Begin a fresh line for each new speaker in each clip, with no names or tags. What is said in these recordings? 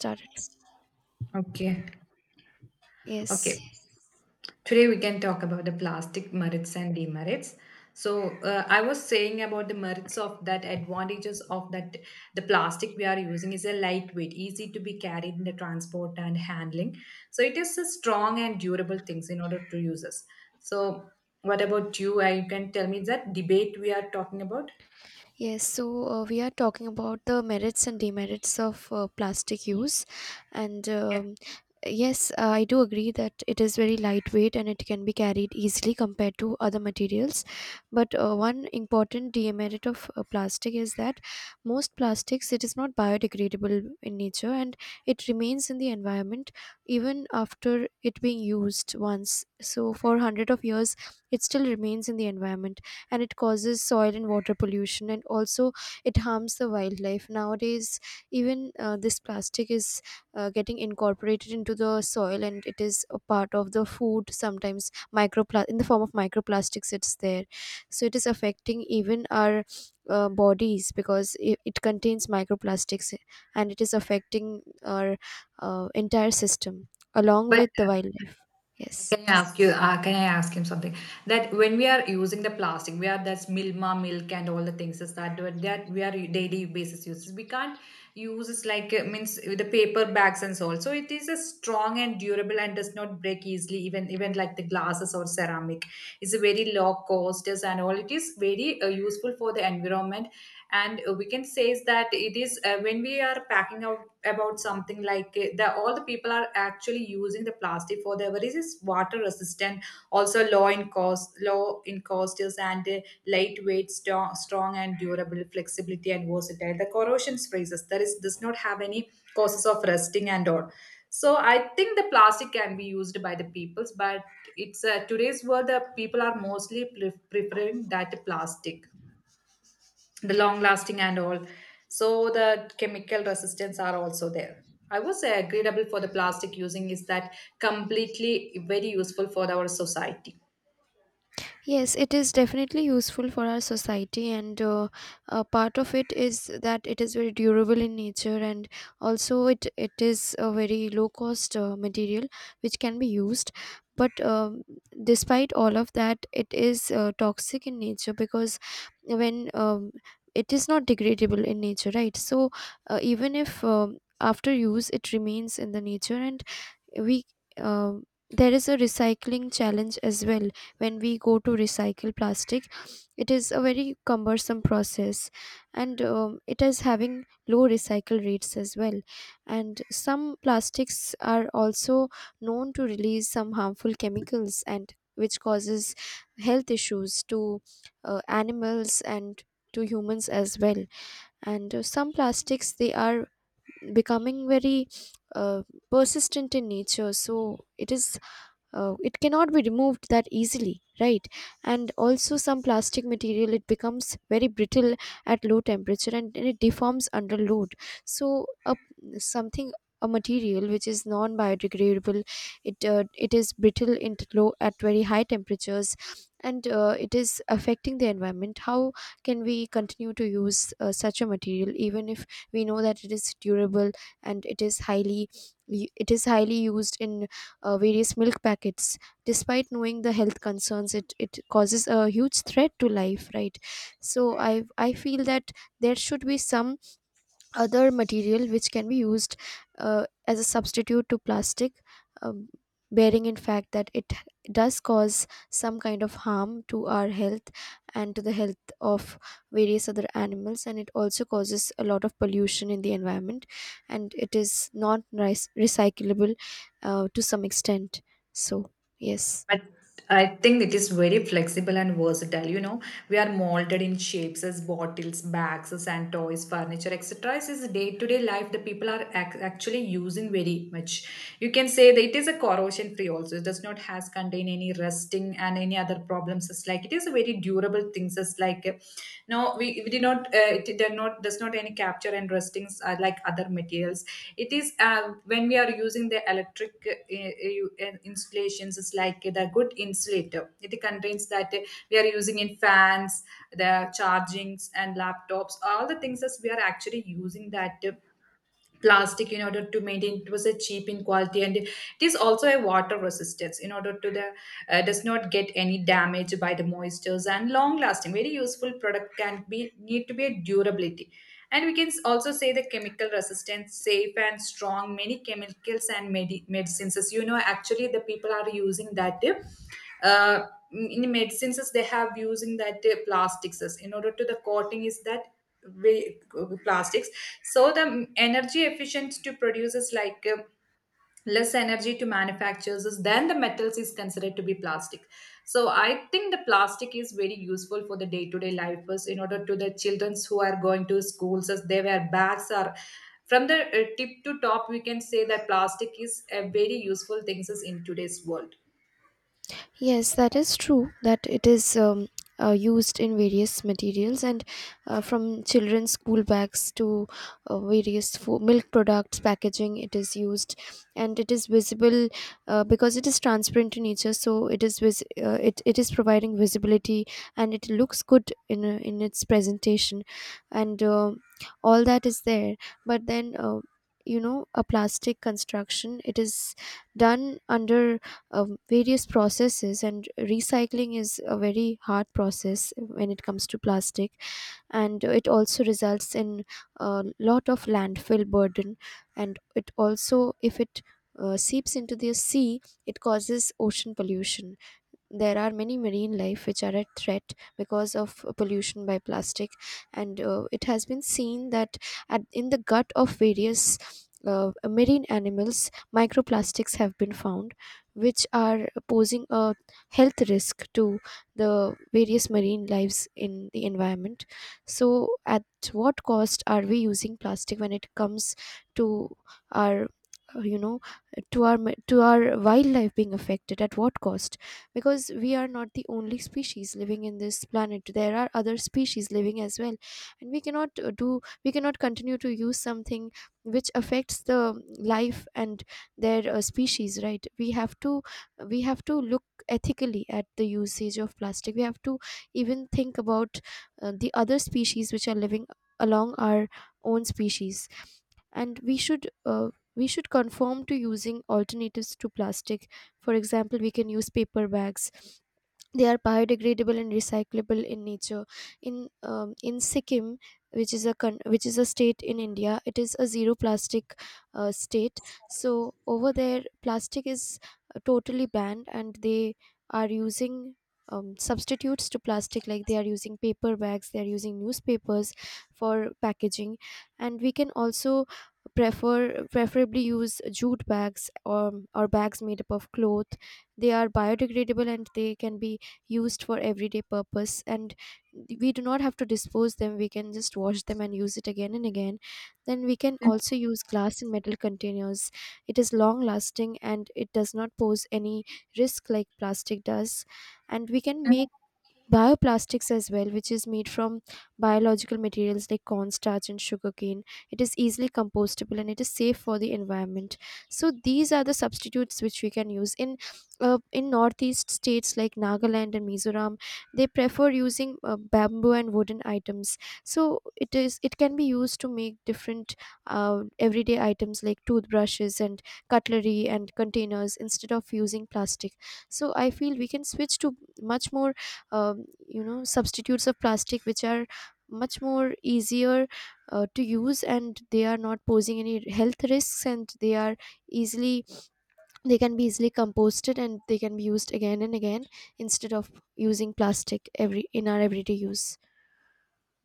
Started.
Okay. Okay.
Yes,
Today we can talk about the plastic merits and demerits. So I was saying about the merits of that advantages of that the plastic we are using is a lightweight, easy to be carried in the transport and handling. So it is a strong and durable things in order to use us. So what about you? You can tell me that debate we are talking about.
yes. So we are talking about the merits and demerits of plastic use. And
Yeah.
yes, I do agree that it is very lightweight and it can be carried easily compared to other materials. But one important demerit of plastic is that most plastics, it is not biodegradable in nature, and it remains in the environment even after it being used once. So for hundred of years it still remains in the environment, and it causes soil and water pollution, and also it harms the wildlife nowadays. Even this plastic is getting incorporated into the soil, and it is a part of the food sometimes. In the form of microplastics it's there, so it is affecting even our bodies because it contains microplastics, and it is affecting our entire system along
But
with the wildlife. Yes.
can I ask you? Can I ask him something? That when we are using the plastic, we are that's Milma milk and all the things is that we are daily basis uses. We can't use it like means with the paper bags and so on. So it is a strong and durable and does not break easily. Even like the glasses or ceramic, it's a very low cost is and all. It is very useful for the environment, and we can say is that it is when we are packing our about something like that all the people are actually using the plastic for their what is this water resistant also low in cost is and lightweight strong and durable flexibility and versatile the corrosion phrases there is does not have any causes of rusting and all. So I think the plastic can be used by the peoples. But it's today's world the people are mostly preferring that plastic the long lasting and all. So the chemical resistance are also there. I was agreeable for the plastic using is that completely very useful for our society.
Yes, it is definitely useful for our society, and a part of it is that it is very durable in nature, and also it is a very low cost material which can be used. But despite all of that, it is toxic in nature because when it is not degradable in nature, right? So even if after use it remains in the nature, and we uh, there is a recycling challenge as well. When we go to recycle plastic, it is a very cumbersome process, and it is having low recycle rates as well. And some plastics are also known to release some harmful chemicals, and which causes health issues to animals and to humans as well. And some plastics they are becoming very uh, persistent in nature, so it cannot be removed that easily, right? And also some plastic material it becomes very brittle at low temperature, and it deforms under load. So something, a material which is non biodegradable, it is brittle low at very high temperatures, and it is affecting the environment. How can we continue to use such a material even if we know that it is durable, and it is highly, it is highly used in various milk packets. Despite knowing the health concerns, it causes a huge threat to life, right? So I feel that there should be some other material which can be used as a substitute to plastic, um, bearing in fact that it does cause some kind of harm to our health and to the health of various other animals, and it also causes a lot of pollution in the environment, and it is not nice recyclable to some extent. So yes.
But I think it is very flexible and versatile. You know, we are molded in shapes as bottles, bags, as and toys, furniture, etc. This is day to day life that people are actually using very much. You can say that it is a corrosion free also. It does not has contain any rusting and any other problems. It's like it is a very durable things. It's like no, we did not it did not does not any capture and rustings are like other materials. It is when we are using the electric installations it's like the good insulator it contains that we are using in fans the chargings and laptops all the things that we are actually using that plastic in order to maintain it was a cheap in quality and it is also a water resistance in order to the does not get any damage by the moistures and long lasting very useful product can be need to be a durability. And we can also say the chemical resistance safe and strong many chemicals and medicines as you know actually the people are using that uh, in medicines as they have using that plastics as in order to the coating is that way plastics. So the energy efficient to produce like less energy to manufacturers is than the metals is considered to be plastic. So I think the plastic is very useful for the day-to-day life as in order to the children who are going to schools as they wear bags are from the tip to top we can say that plastic is a very useful things is in today's world.
Yes, that is true that it is used in various materials, and from children's school bags to various milk products packaging it is used, and it is visible because it is transparent in nature, so it is providing visibility, and it looks good in, in its presentation, and all that is there. But then, a plastic construction it is done under various processes, and recycling is a very hard process when it comes to plastic, and it also results in a lot of landfill burden. And it also, if it seeps into the sea, it causes ocean pollution. There are many marine life which are at threat because of pollution by plastic, and it has been seen that in the gut of various marine animals, microplastics have been found, which are posing a health risk to the various marine lives in the environment. So at what cost are we using plastic when it comes to our you know to our ma- to our wildlife being affected, at what cost? Because we are not the only species living in this planet. There are other species living as well, and we cannot continue to use something which affects the life and their species, right? We have to look ethically at the usage of plastic. We have to even think about the other species which are living along our own species, and we should conform to using alternatives to plastic. For example, we can use paper bags. They are biodegradable and recyclable in nature. In Sikkim, which is a which is a state in India, it is a zero plastic state. So over there, plastic is totally banned, and they are using substitutes to plastic, like they are using paper bags, they are using newspapers for packaging. And we can also preferably use jute bags, or bags made up of cloth. They are biodegradable and they can be used for everyday purpose, and we do not have to dispose them. We can just wash them and use it again and again. Then we can also use glass and metal containers. It is long lasting and it does not pose any risk like plastic does. And we can make bioplastics as well, which is made from biological materials like cornstarch and sugarcane. It is easily compostable and it is safe for the environment. So these are the substitutes which we can use in, in northeast states like Nagaland and Mizoram. They prefer using bamboo and wooden items. So it can be used to make different everyday items like toothbrushes and cutlery and containers instead of using plastic. So I feel we can switch to much more, substitutes of plastic which are much more easier to use, and they are not posing any health risks, and easily they can be easily composted, and they can be used again and again instead of using plastic every in our everyday use.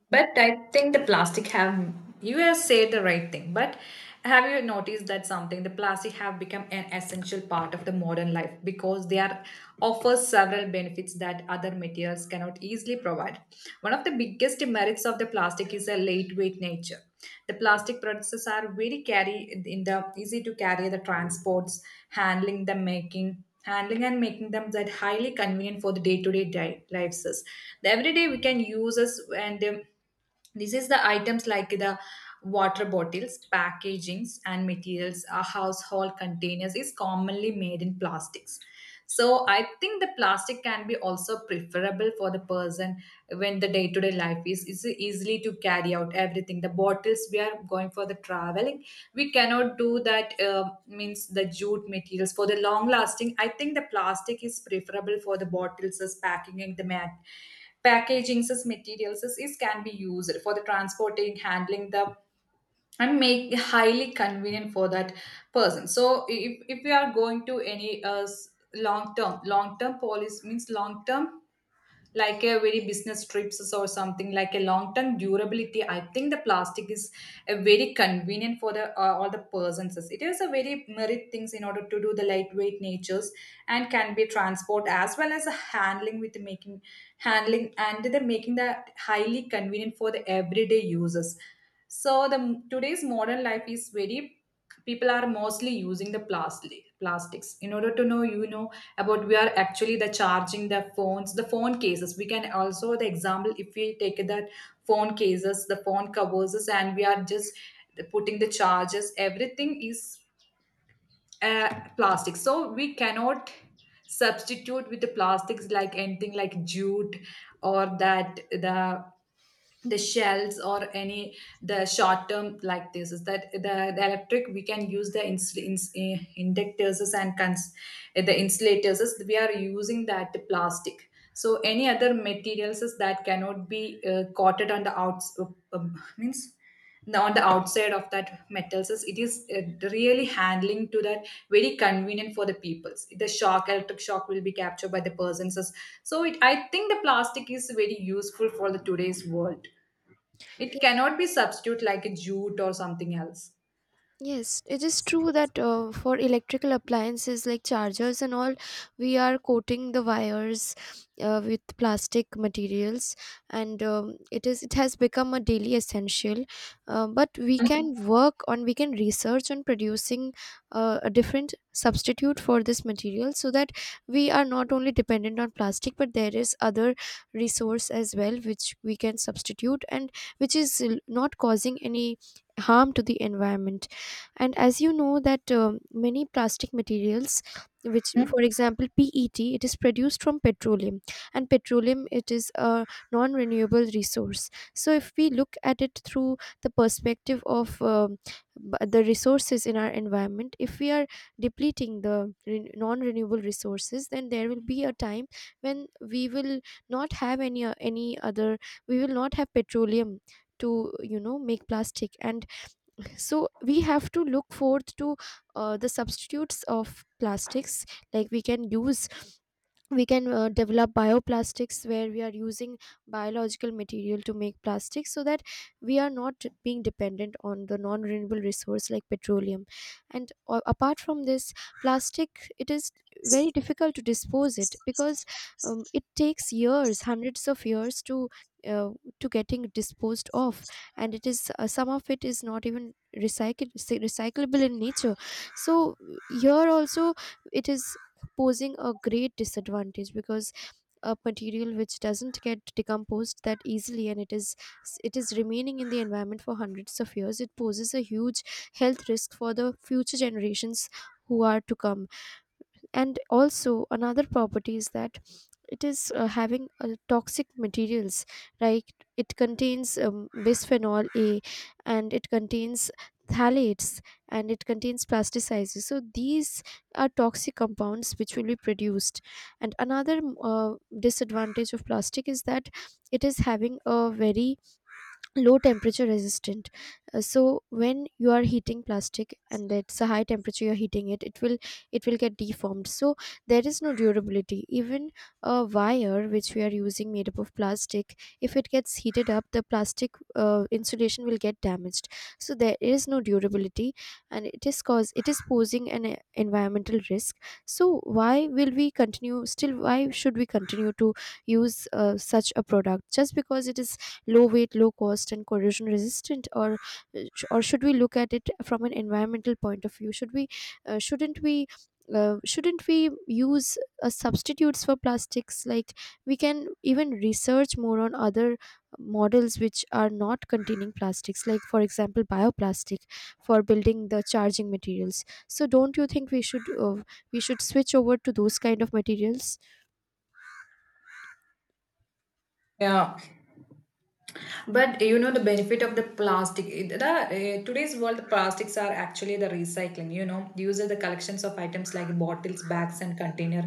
But I think the plastic have you have said the right thing. But have you noticed that something the plastic have become an essential part of the modern life because they are offer several benefits that other materials cannot easily provide. One of the biggest merits of the plastic is a lightweight nature. The plastic products are very carry in the easy to carry the transports, handling the making handling and making them that highly convenient for the day-to-day lives us. The everyday we can use us and this is the items like the water bottles packagings and materials our household containers is commonly made in plastics. So I think the plastic can be also preferable for the person when the day-to-day life is easily to carry out everything the bottles we are going for the traveling. We cannot do that means the jute materials for the long lasting. I think the plastic is preferable for the bottles as packing and the mat packaging as materials as is can be used for the transporting handling the and make highly convenient for that person. So if we are going to any long term policy means long term like a very business trips or something like a long term durability. I think the plastic is a very convenient for the all the persons. It is a very merit things in order to do the lightweight natures and can be transport as well as a handling with making handling and the making that highly convenient for the everyday users. So the today's modern life is very people are mostly using the plastics in order to know you know about we are actually the charging the phones the phone cases. We can also the example if we take that phone cases the phone covers and we are just putting the charges everything is uh, plastic. So we cannot substitute with the plastics like anything like jute or that the shells or any the short term like this is the electric. We can use the inductors and the insulators is we are using that plastic so any other materials is that cannot be coated on the outs means on the outside of that metals is it is really handling to that very convenient for the peoples the shock electric shock will be captured by the persons. So I think the plastic is very useful for the today's world. It cannot be substitute like a jute or something else.
Yes, it is true that for electrical appliances like chargers and all, we are coating the wires with plastic materials, and it has become a daily essential. But we can research on producing a different substitute for this material, so that we are not only dependent on plastic, but there is other resource as well which we can substitute, and which is not causing any harm to the environment. And as you know that many plastic materials, which for example PET, it is produced from petroleum, and petroleum it is a non renewable resource. So if we look at it through the perspective of the resources in our environment, if we are depleting the non renewable resources, then there will be a time when we will not have any o- any other we will not have petroleum to make plastic. And so we have to look forth to the substitutes of plastics, like we can use we can develop bioplastics where we are using biological material to make plastics, so that we are not being dependent on the non renewable resource like petroleum. And apart from this, plastic it is very difficult to dispose it, because it takes years, hundreds of years to, uh, to getting disposed of. And it is some of it is not even recycled recyclable in nature. So here also it is posing a great disadvantage, because a material which doesn't get decomposed that easily, and it is remaining in the environment for hundreds of years, it poses a huge health risk for the future generations who are to come. And also another property is that it is having toxic materials, right? It contains bisphenol A, and it contains phthalates, and it contains plasticizers, so these are toxic compounds which will be produced. And another uh, disadvantage of plastic is that it is having a very low temperature resistant. So when you are heating plastic, and that's a high temperature you're heating it, it will get deformed. So there is no durability. Even a wire which we are using made up of plastic, if it gets heated up, the plastic insulation will get damaged. So there is no durability. And it is posing an environmental risk. So why should we continue to use such a product, just because it is low weight, low cost, and corrosion resistant? Or uh, or should we look at it from an environmental point of view? Shouldn't we? Shouldn't we use substitutes for plastics, like we can even research more on other models which are not containing plastics, like for example bioplastic, for building the charging materials? So don't you think we should switch over to those kind of materials?
Yeah, but you know the benefit of the plastic. The today's world, the plastics are actually the recycling. You know, uses the collections of items like bottles, bags, and container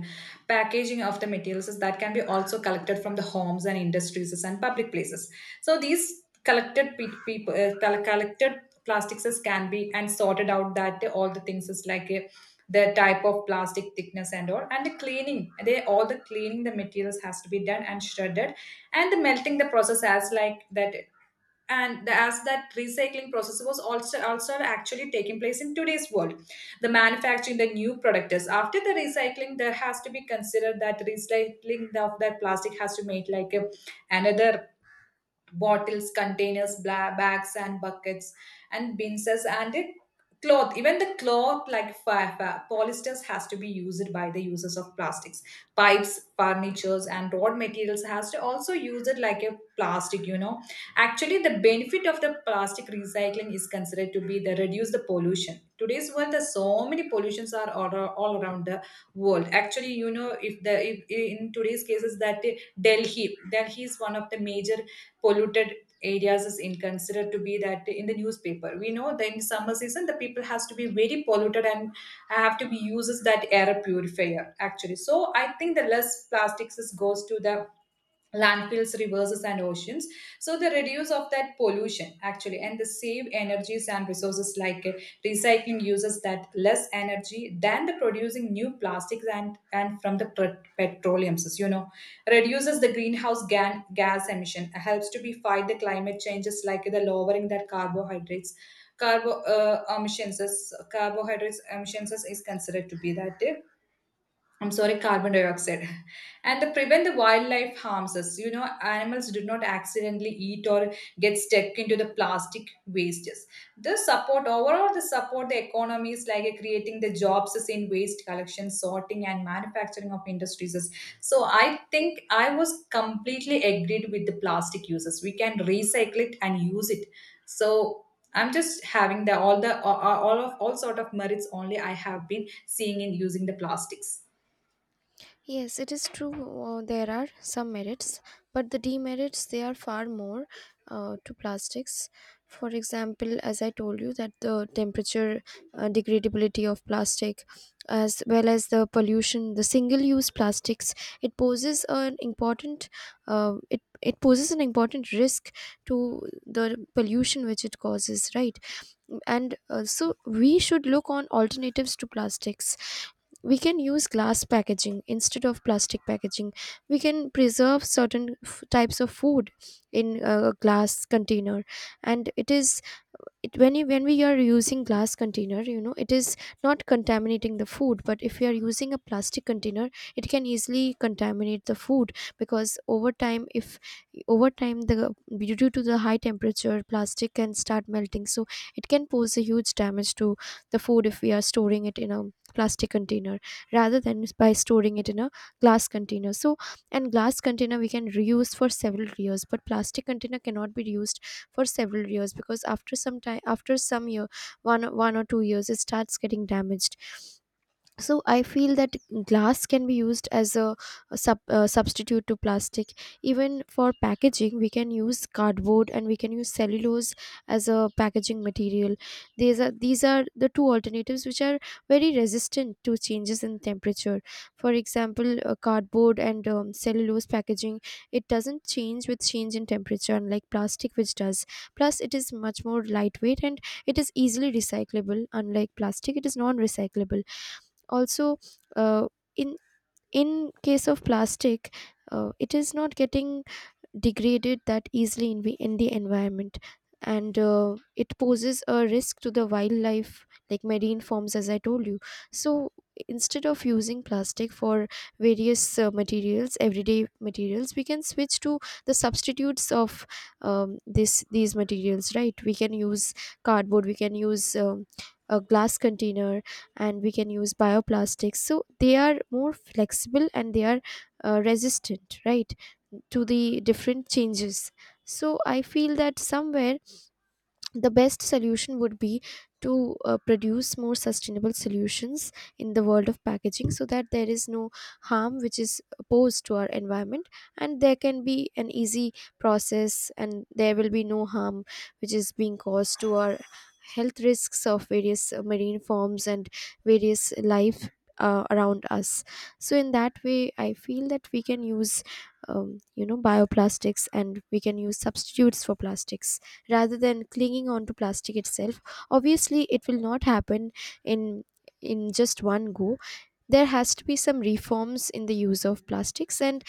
packaging of the materials is that can be also collected from the homes and industries and public places. So these collected people, collected plastics is can be and sorted out that all the things is like. The type of plastic thickness and all and the cleaning they all the cleaning the materials has to be done and shredded and the melting the process as like that and the, as that recycling process was also actually taking place in today's world the manufacturing the new product is after the recycling there has to be considered that recycling the, of that plastic has to make like a, another bottles, containers, bags, and buckets, and bins, as- and it cloth even the cloth like polysters has to be used by the users of plastics pipes furnitures and road materials has to also use it like a plastic you know actually the benefit of the plastic recycling is considered to be the reduce the pollution today's world there's so many pollutions are all around the world actually you know if in today's cases that delhi is one of the major polluted areas is in considered to be that in the newspaper we know that in summer season the people has to be very polluted and have to be uses that air purifier actually so I think the less plastics is goes to the landfills rivers and oceans so the reduce of that pollution actually and the save energies and resources like recycling uses that less energy than the producing new plastics and from the petroleums you know reduces the greenhouse gas emission, helps to be fight the climate changes like the lowering that carbohydrates. Carbo Emissions, carbohydrates emissions is considered to be that. I'm sorry, carbon dioxide. And to prevent the wildlife harms us, you know, animals do not accidentally eat or get stuck into the plastic wastes. The support, overall, the support the economies like creating the jobs is in waste collection, sorting, and manufacturing of industries. So I think I was completely agreed with the plastic uses. We can recycle it and use it. So I'm just having the all sort of merits only I have been seeing in using the plastics.
Yes, it is true. There are some merits, but the demerits, they are far more to plastics. For example, as I told you, that the temperature degradability of plastic, as well as the pollution, the single-use plastics, it poses an important it poses an important risk to the pollution which it causes, right? And so we should look on alternatives to plastics. We can use glass packaging instead of plastic packaging. We can preserve certain types of food in a glass container, and it is, it, when we are using glass container, you know, it is not contaminating the food. But if you are using a plastic container, it can easily contaminate the food, because over time if over time, the due to the high temperature, plastic can start melting, so it can pose a huge damage to the food if we are storing it in a plastic container rather than by storing it in a glass container. So, and glass container we can reuse for several years, but plastic container cannot be reused for several years, because after some time, after some year one, 1 or 2 years, it starts getting damaged. So I feel that glass can be used as a, a substitute to plastic. Even for packaging, we can use cardboard and we can use cellulose as a packaging material. These are the two alternatives which are very resistant to changes in temperature. For example, cardboard and cellulose packaging, it doesn't change with change in temperature, unlike plastic which does. Plus it is much more lightweight, and it is easily recyclable, unlike plastic, it is non recyclable. Also, uh, in in case of plastic, it is not getting degraded that easily in the environment. And it poses a risk to the wildlife, like marine forms, as I told you. So instead of using plastic for various materials, everyday materials, we can switch to the substitutes of, this these materials, right? We can use cardboard, we can use a glass container, and we can use bioplastics, so they are more flexible and they are resistant, right, to the different changes. So I feel that somewhere the best solution would be to produce more sustainable solutions in the world of packaging, so that there is no harm which is posed to our environment, and there can be an easy process and there will be no harm which is being caused to our health, risks of various marine forms and various life around us. So in that way I feel that we can use, you know, bioplastics, and we can use substitutes for plastics rather than clinging on to plastic itself. Obviously, it will not happen in in just one go. There has to be some reforms in the use of plastics, and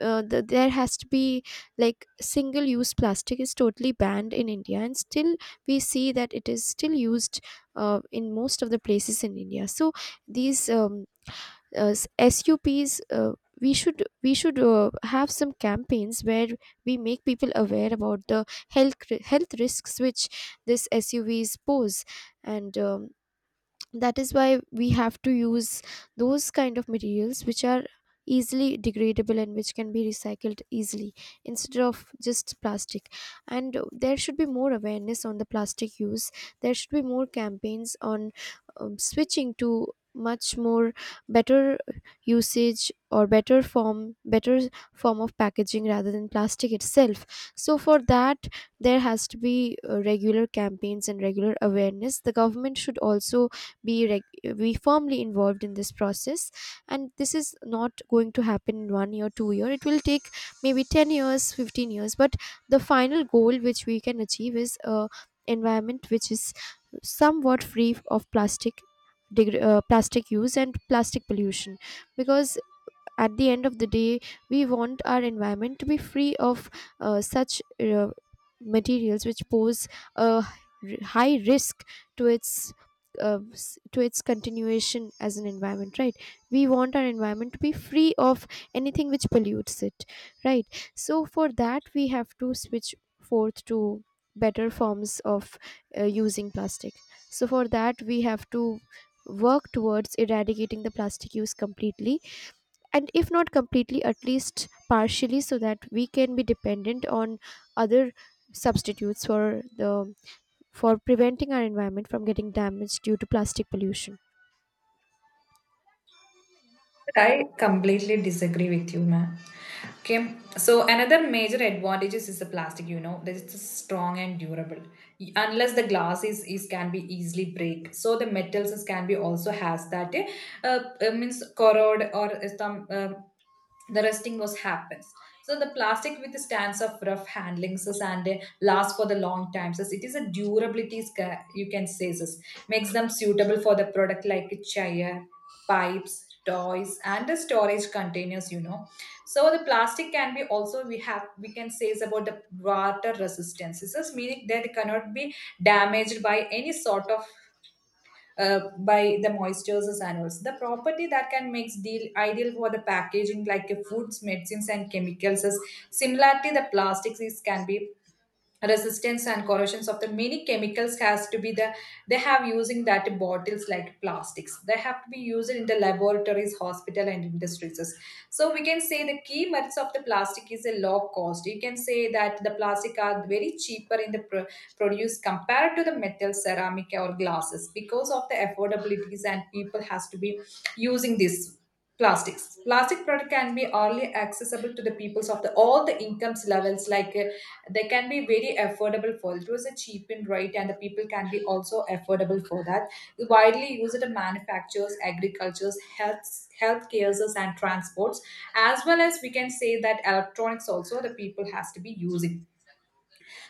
there has to be, like, single use plastic is totally banned in India, and still we see that it is still used in most of the places in India. So these SUPs. We should have some campaigns where we make people aware about the health risks which this SUVs pose, and that is why we have to use those kind of materials which are easily degradable and which can be recycled easily, instead of just plastic. And there should be more awareness on the plastic use. There should be more campaigns on switching to much more better usage, or better form of packaging rather than plastic itself. So for that, there has to be regular campaigns and regular awareness. The government should also be firmly involved in this process, and this is not going to happen in 1 year, 2 year. It will take maybe 10 years, 15 years, but the final goal which we can achieve is a environment which is somewhat free of plastic, plastic use and plastic pollution. Because at the end of the day, we want our environment to be free of such materials which pose a high risk to its to its continuation as an environment, right? We want our environment to be free of anything which pollutes it, right? So for that, we have to switch forth to better forms of using plastic. So for that, we have to work towards eradicating the plastic use completely, and if not completely, at least partially, so that we can be dependent on other substitutes for the, for preventing our environment from getting damaged due to plastic pollution.
I completely disagree with you, ma'am. Okay, so another major advantages is the plastic. You know, this is strong and durable. Unless the glass is can be easily break. So the metals is, can be also has that uh, means corrode or some the rusting was happens. So the plastic with the stands of rough handlings is and last for the long times. As it is a durability is you can say this makes them suitable for the product like a chair, pipes, toys, and the storage containers. So the plastic can be also, we can say, is about the water resistance. This is meaning that it cannot be damaged by any sort of by the moistures as animals. The property that can make deal ideal for the packaging like foods, medicines, and chemicals. Is similarly the plastics is can be resistance and corrosions of the many chemicals. Has to be the they have using that bottles like plastics, they have to be used in the laboratories, hospital, and industries. So we can say the key merits of the plastic is a low cost. You can say that the plastic are very cheaper in the produce compared to the metal, ceramic, or glasses because of the affordabilities, and people has to be using these plastics. Plastic product can be early accessible to the peoples of the all the incomes levels, like they can be very affordable for it. Was a cheap and right, and the people can be also affordable for that. Widely used in manufacturers, agricultures, health cares, and transports, as well as, we can say, that electronics also the people has to be using.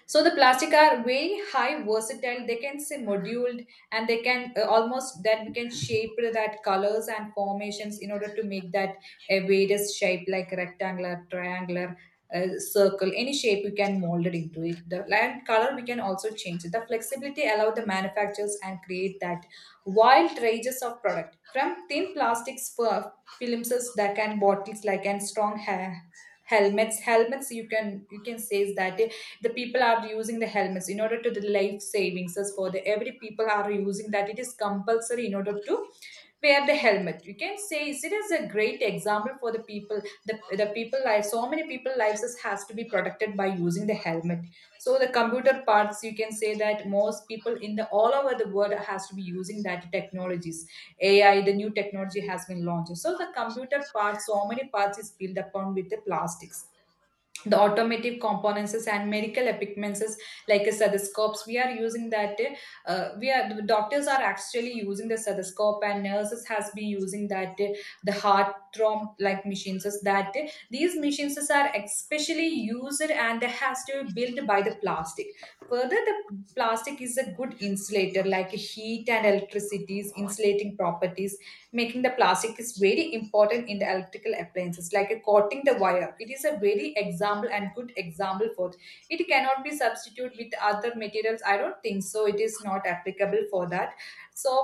So the plastic are very high versatile. They can say moduled, and they can almost then we can shape that colors and formations in order to make that a various shape, like rectangular, triangular, circle, any shape you can mold it into it. The land color we can also change it. The flexibility allow the manufacturers and create that wild ranges of product, from thin plastics for films that can bottles like, and strong hair, helmets. You can say is that the people are using the helmets in order to the life savings, as for the every people are using that. It is compulsory in order to wear the helmet, you can say. It is a great example for the people, the, the people life. So many people lives has to be protected by using the helmet. So the computer parts, you can say that most people in the all over the world has to be using that technologies. AI, the new technology, has been launched, so the computer parts, so many parts is built upon with the plastics, the automotive components, and medical equipments, like stethoscopes we are using that. We are The doctors are actually using the stethoscope, and nurses has been using that, the heart throb like machines. Is that these machines are especially used and has to be built by the plastic. Further, the plastic is a good insulator, like heat and electricity's insulating properties, making the plastic is very important in the electrical appliances, like coating the wire. It is a very example and good example for it. It cannot be substituted with other materials. I don't think so. It is not applicable for that. So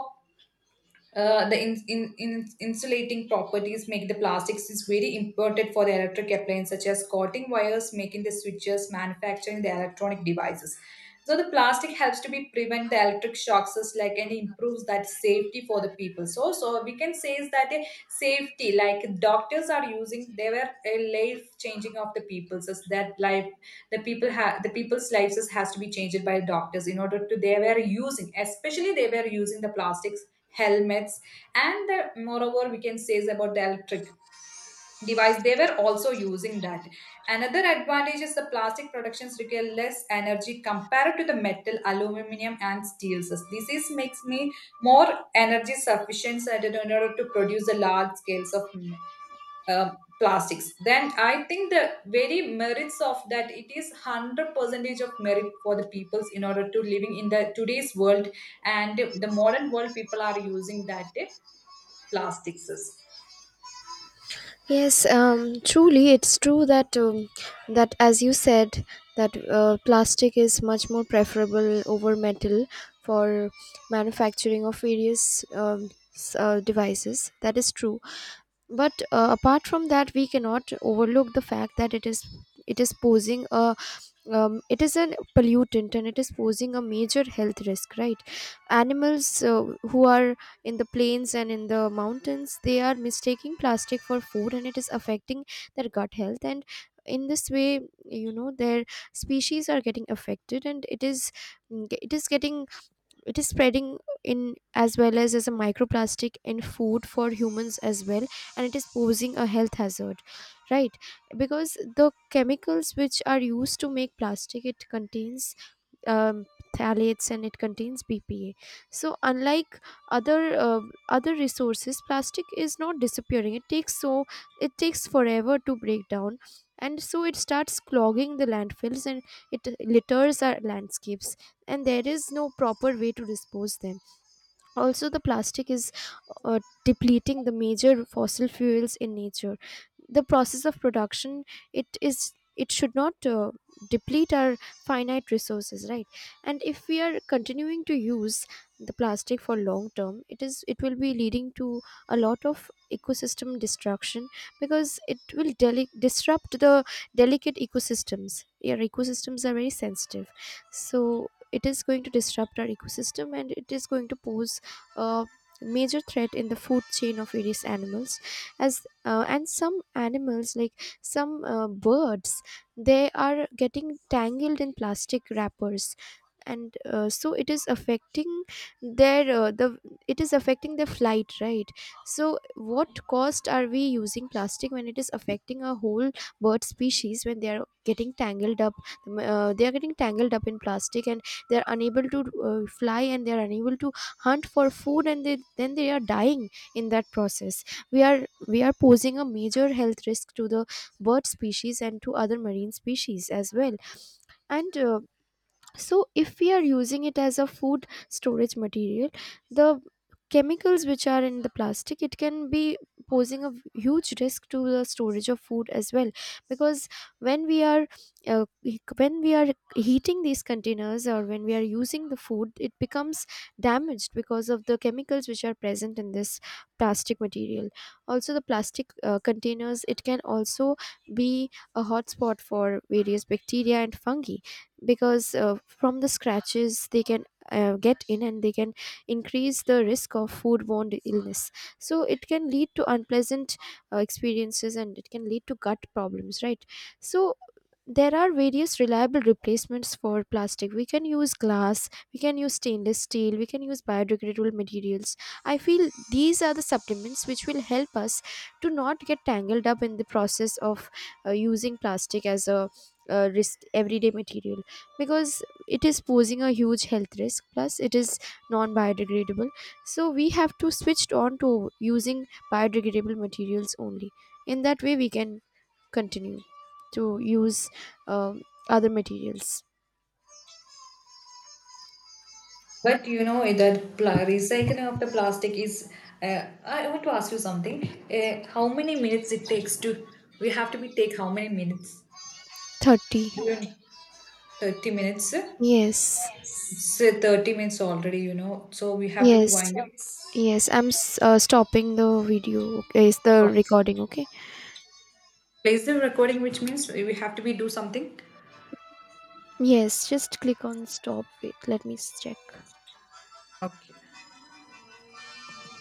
the insulating properties make the plastics is very important for the electric appliance, such as coating wires, making the switches, manufacturing the electronic devices. So the plastic helps to be prevent the electric shocks is like, and improves that safety for the people. So we can say is that a safety, like doctors are using. They were a life changing of the people's is that life. The people have the people's lives is, has to be changed by doctors in order to they were using, especially they were using the plastic helmets. And moreover, we can say is about the electric device, they were also using that. Another advantage is the plastic productions require less energy compared to the metal, aluminum, and steels. This is makes me more energy sufficient, and in order to produce the large scales of uh, plastics. Then I think the very merits of that, it is 100 percentage of merit for the peoples in order to living in the today's world, and the modern world people are using that plastics is.
Yes, truly, it's true that, that as you said, that plastic is much more preferable over metal for manufacturing of various devices. That is true. But apart from that, we cannot overlook the fact that it is posing a, it is a pollutant, and it is posing a major health risk, right? Animals, who are in the plains and in the mountains, they are mistaking plastic for food, and it is affecting their gut health, and in this way, you know, their species are getting affected. And it is, it is getting, it is spreading in, as well as a microplastic in food for humans as well, and it is posing a health hazard, right? Because the chemicals which are used to make plastic, it contains um, phthalates, and it contains BPA. So unlike other other resources, plastic is not disappearing. It takes so, it takes forever to break down, and so it starts clogging the landfills and it litters our landscapes. And there is no proper way to dispose them. Also, the plastic is uh, depleting the major fossil fuels in nature. The process of production, it is, it should not deplete our finite resources, right? And if we are continuing to use the plastic for long term, it is, it will be leading to a lot of ecosystem destruction, because it will disrupt the delicate ecosystems. Your ecosystems are very sensitive, so it is going to disrupt our ecosystem, and it is going to pose a major threat in the food chain of various animals. As and some animals like some birds, they are getting tangled in plastic wrappers, and so it is affecting their, the it is affecting their flight, right? So what cost are we using plastic, when it is affecting a whole bird species, when they are getting tangled up? They are getting tangled up in plastic, and they are unable to fly, and they are unable to hunt for food, and then they are dying in that process. We are posing a major health risk to the bird species and to other marine species as well. And so if we are using it as a food storage material, the chemicals which are in the plastic, it can be posing a huge risk to the storage of food as well. Because when we are, uh, when we are heating these containers, or when we are using the food, it becomes damaged because of the chemicals which are present in this plastic material. Also, the plastic containers, it can also be a hotspot for various bacteria and fungi, because from the scratches they can get in and they can increase the risk of foodborne illness. So it can lead to unpleasant experiences, and it can lead to gut problems, right? So there are various reliable replacements for plastic. We can use glass, we can use stainless steel, we can use biodegradable materials. I feel these are the supplements which will help us to not get tangled up in the process of using plastic as a, risk everyday material, because it is posing a huge health risk, plus it is non biodegradable. So we have to switch on to using biodegradable materials only. In that way, we can continue to use, um, other materials.
But you know eh, that recycling of the plastic is. I want to ask you something. How many minutes it takes to? We have to be take how many minutes?
30.
30 minutes.
yes
Say 30 minutes already. You know, so we have to be
yes
wind up.
yes, I'm stopping the video. Okay, is the
Okay.
recording okay?
Place the recording, which means we have to be do something.
Yes, just click on stop. Wait, let me check.
Okay.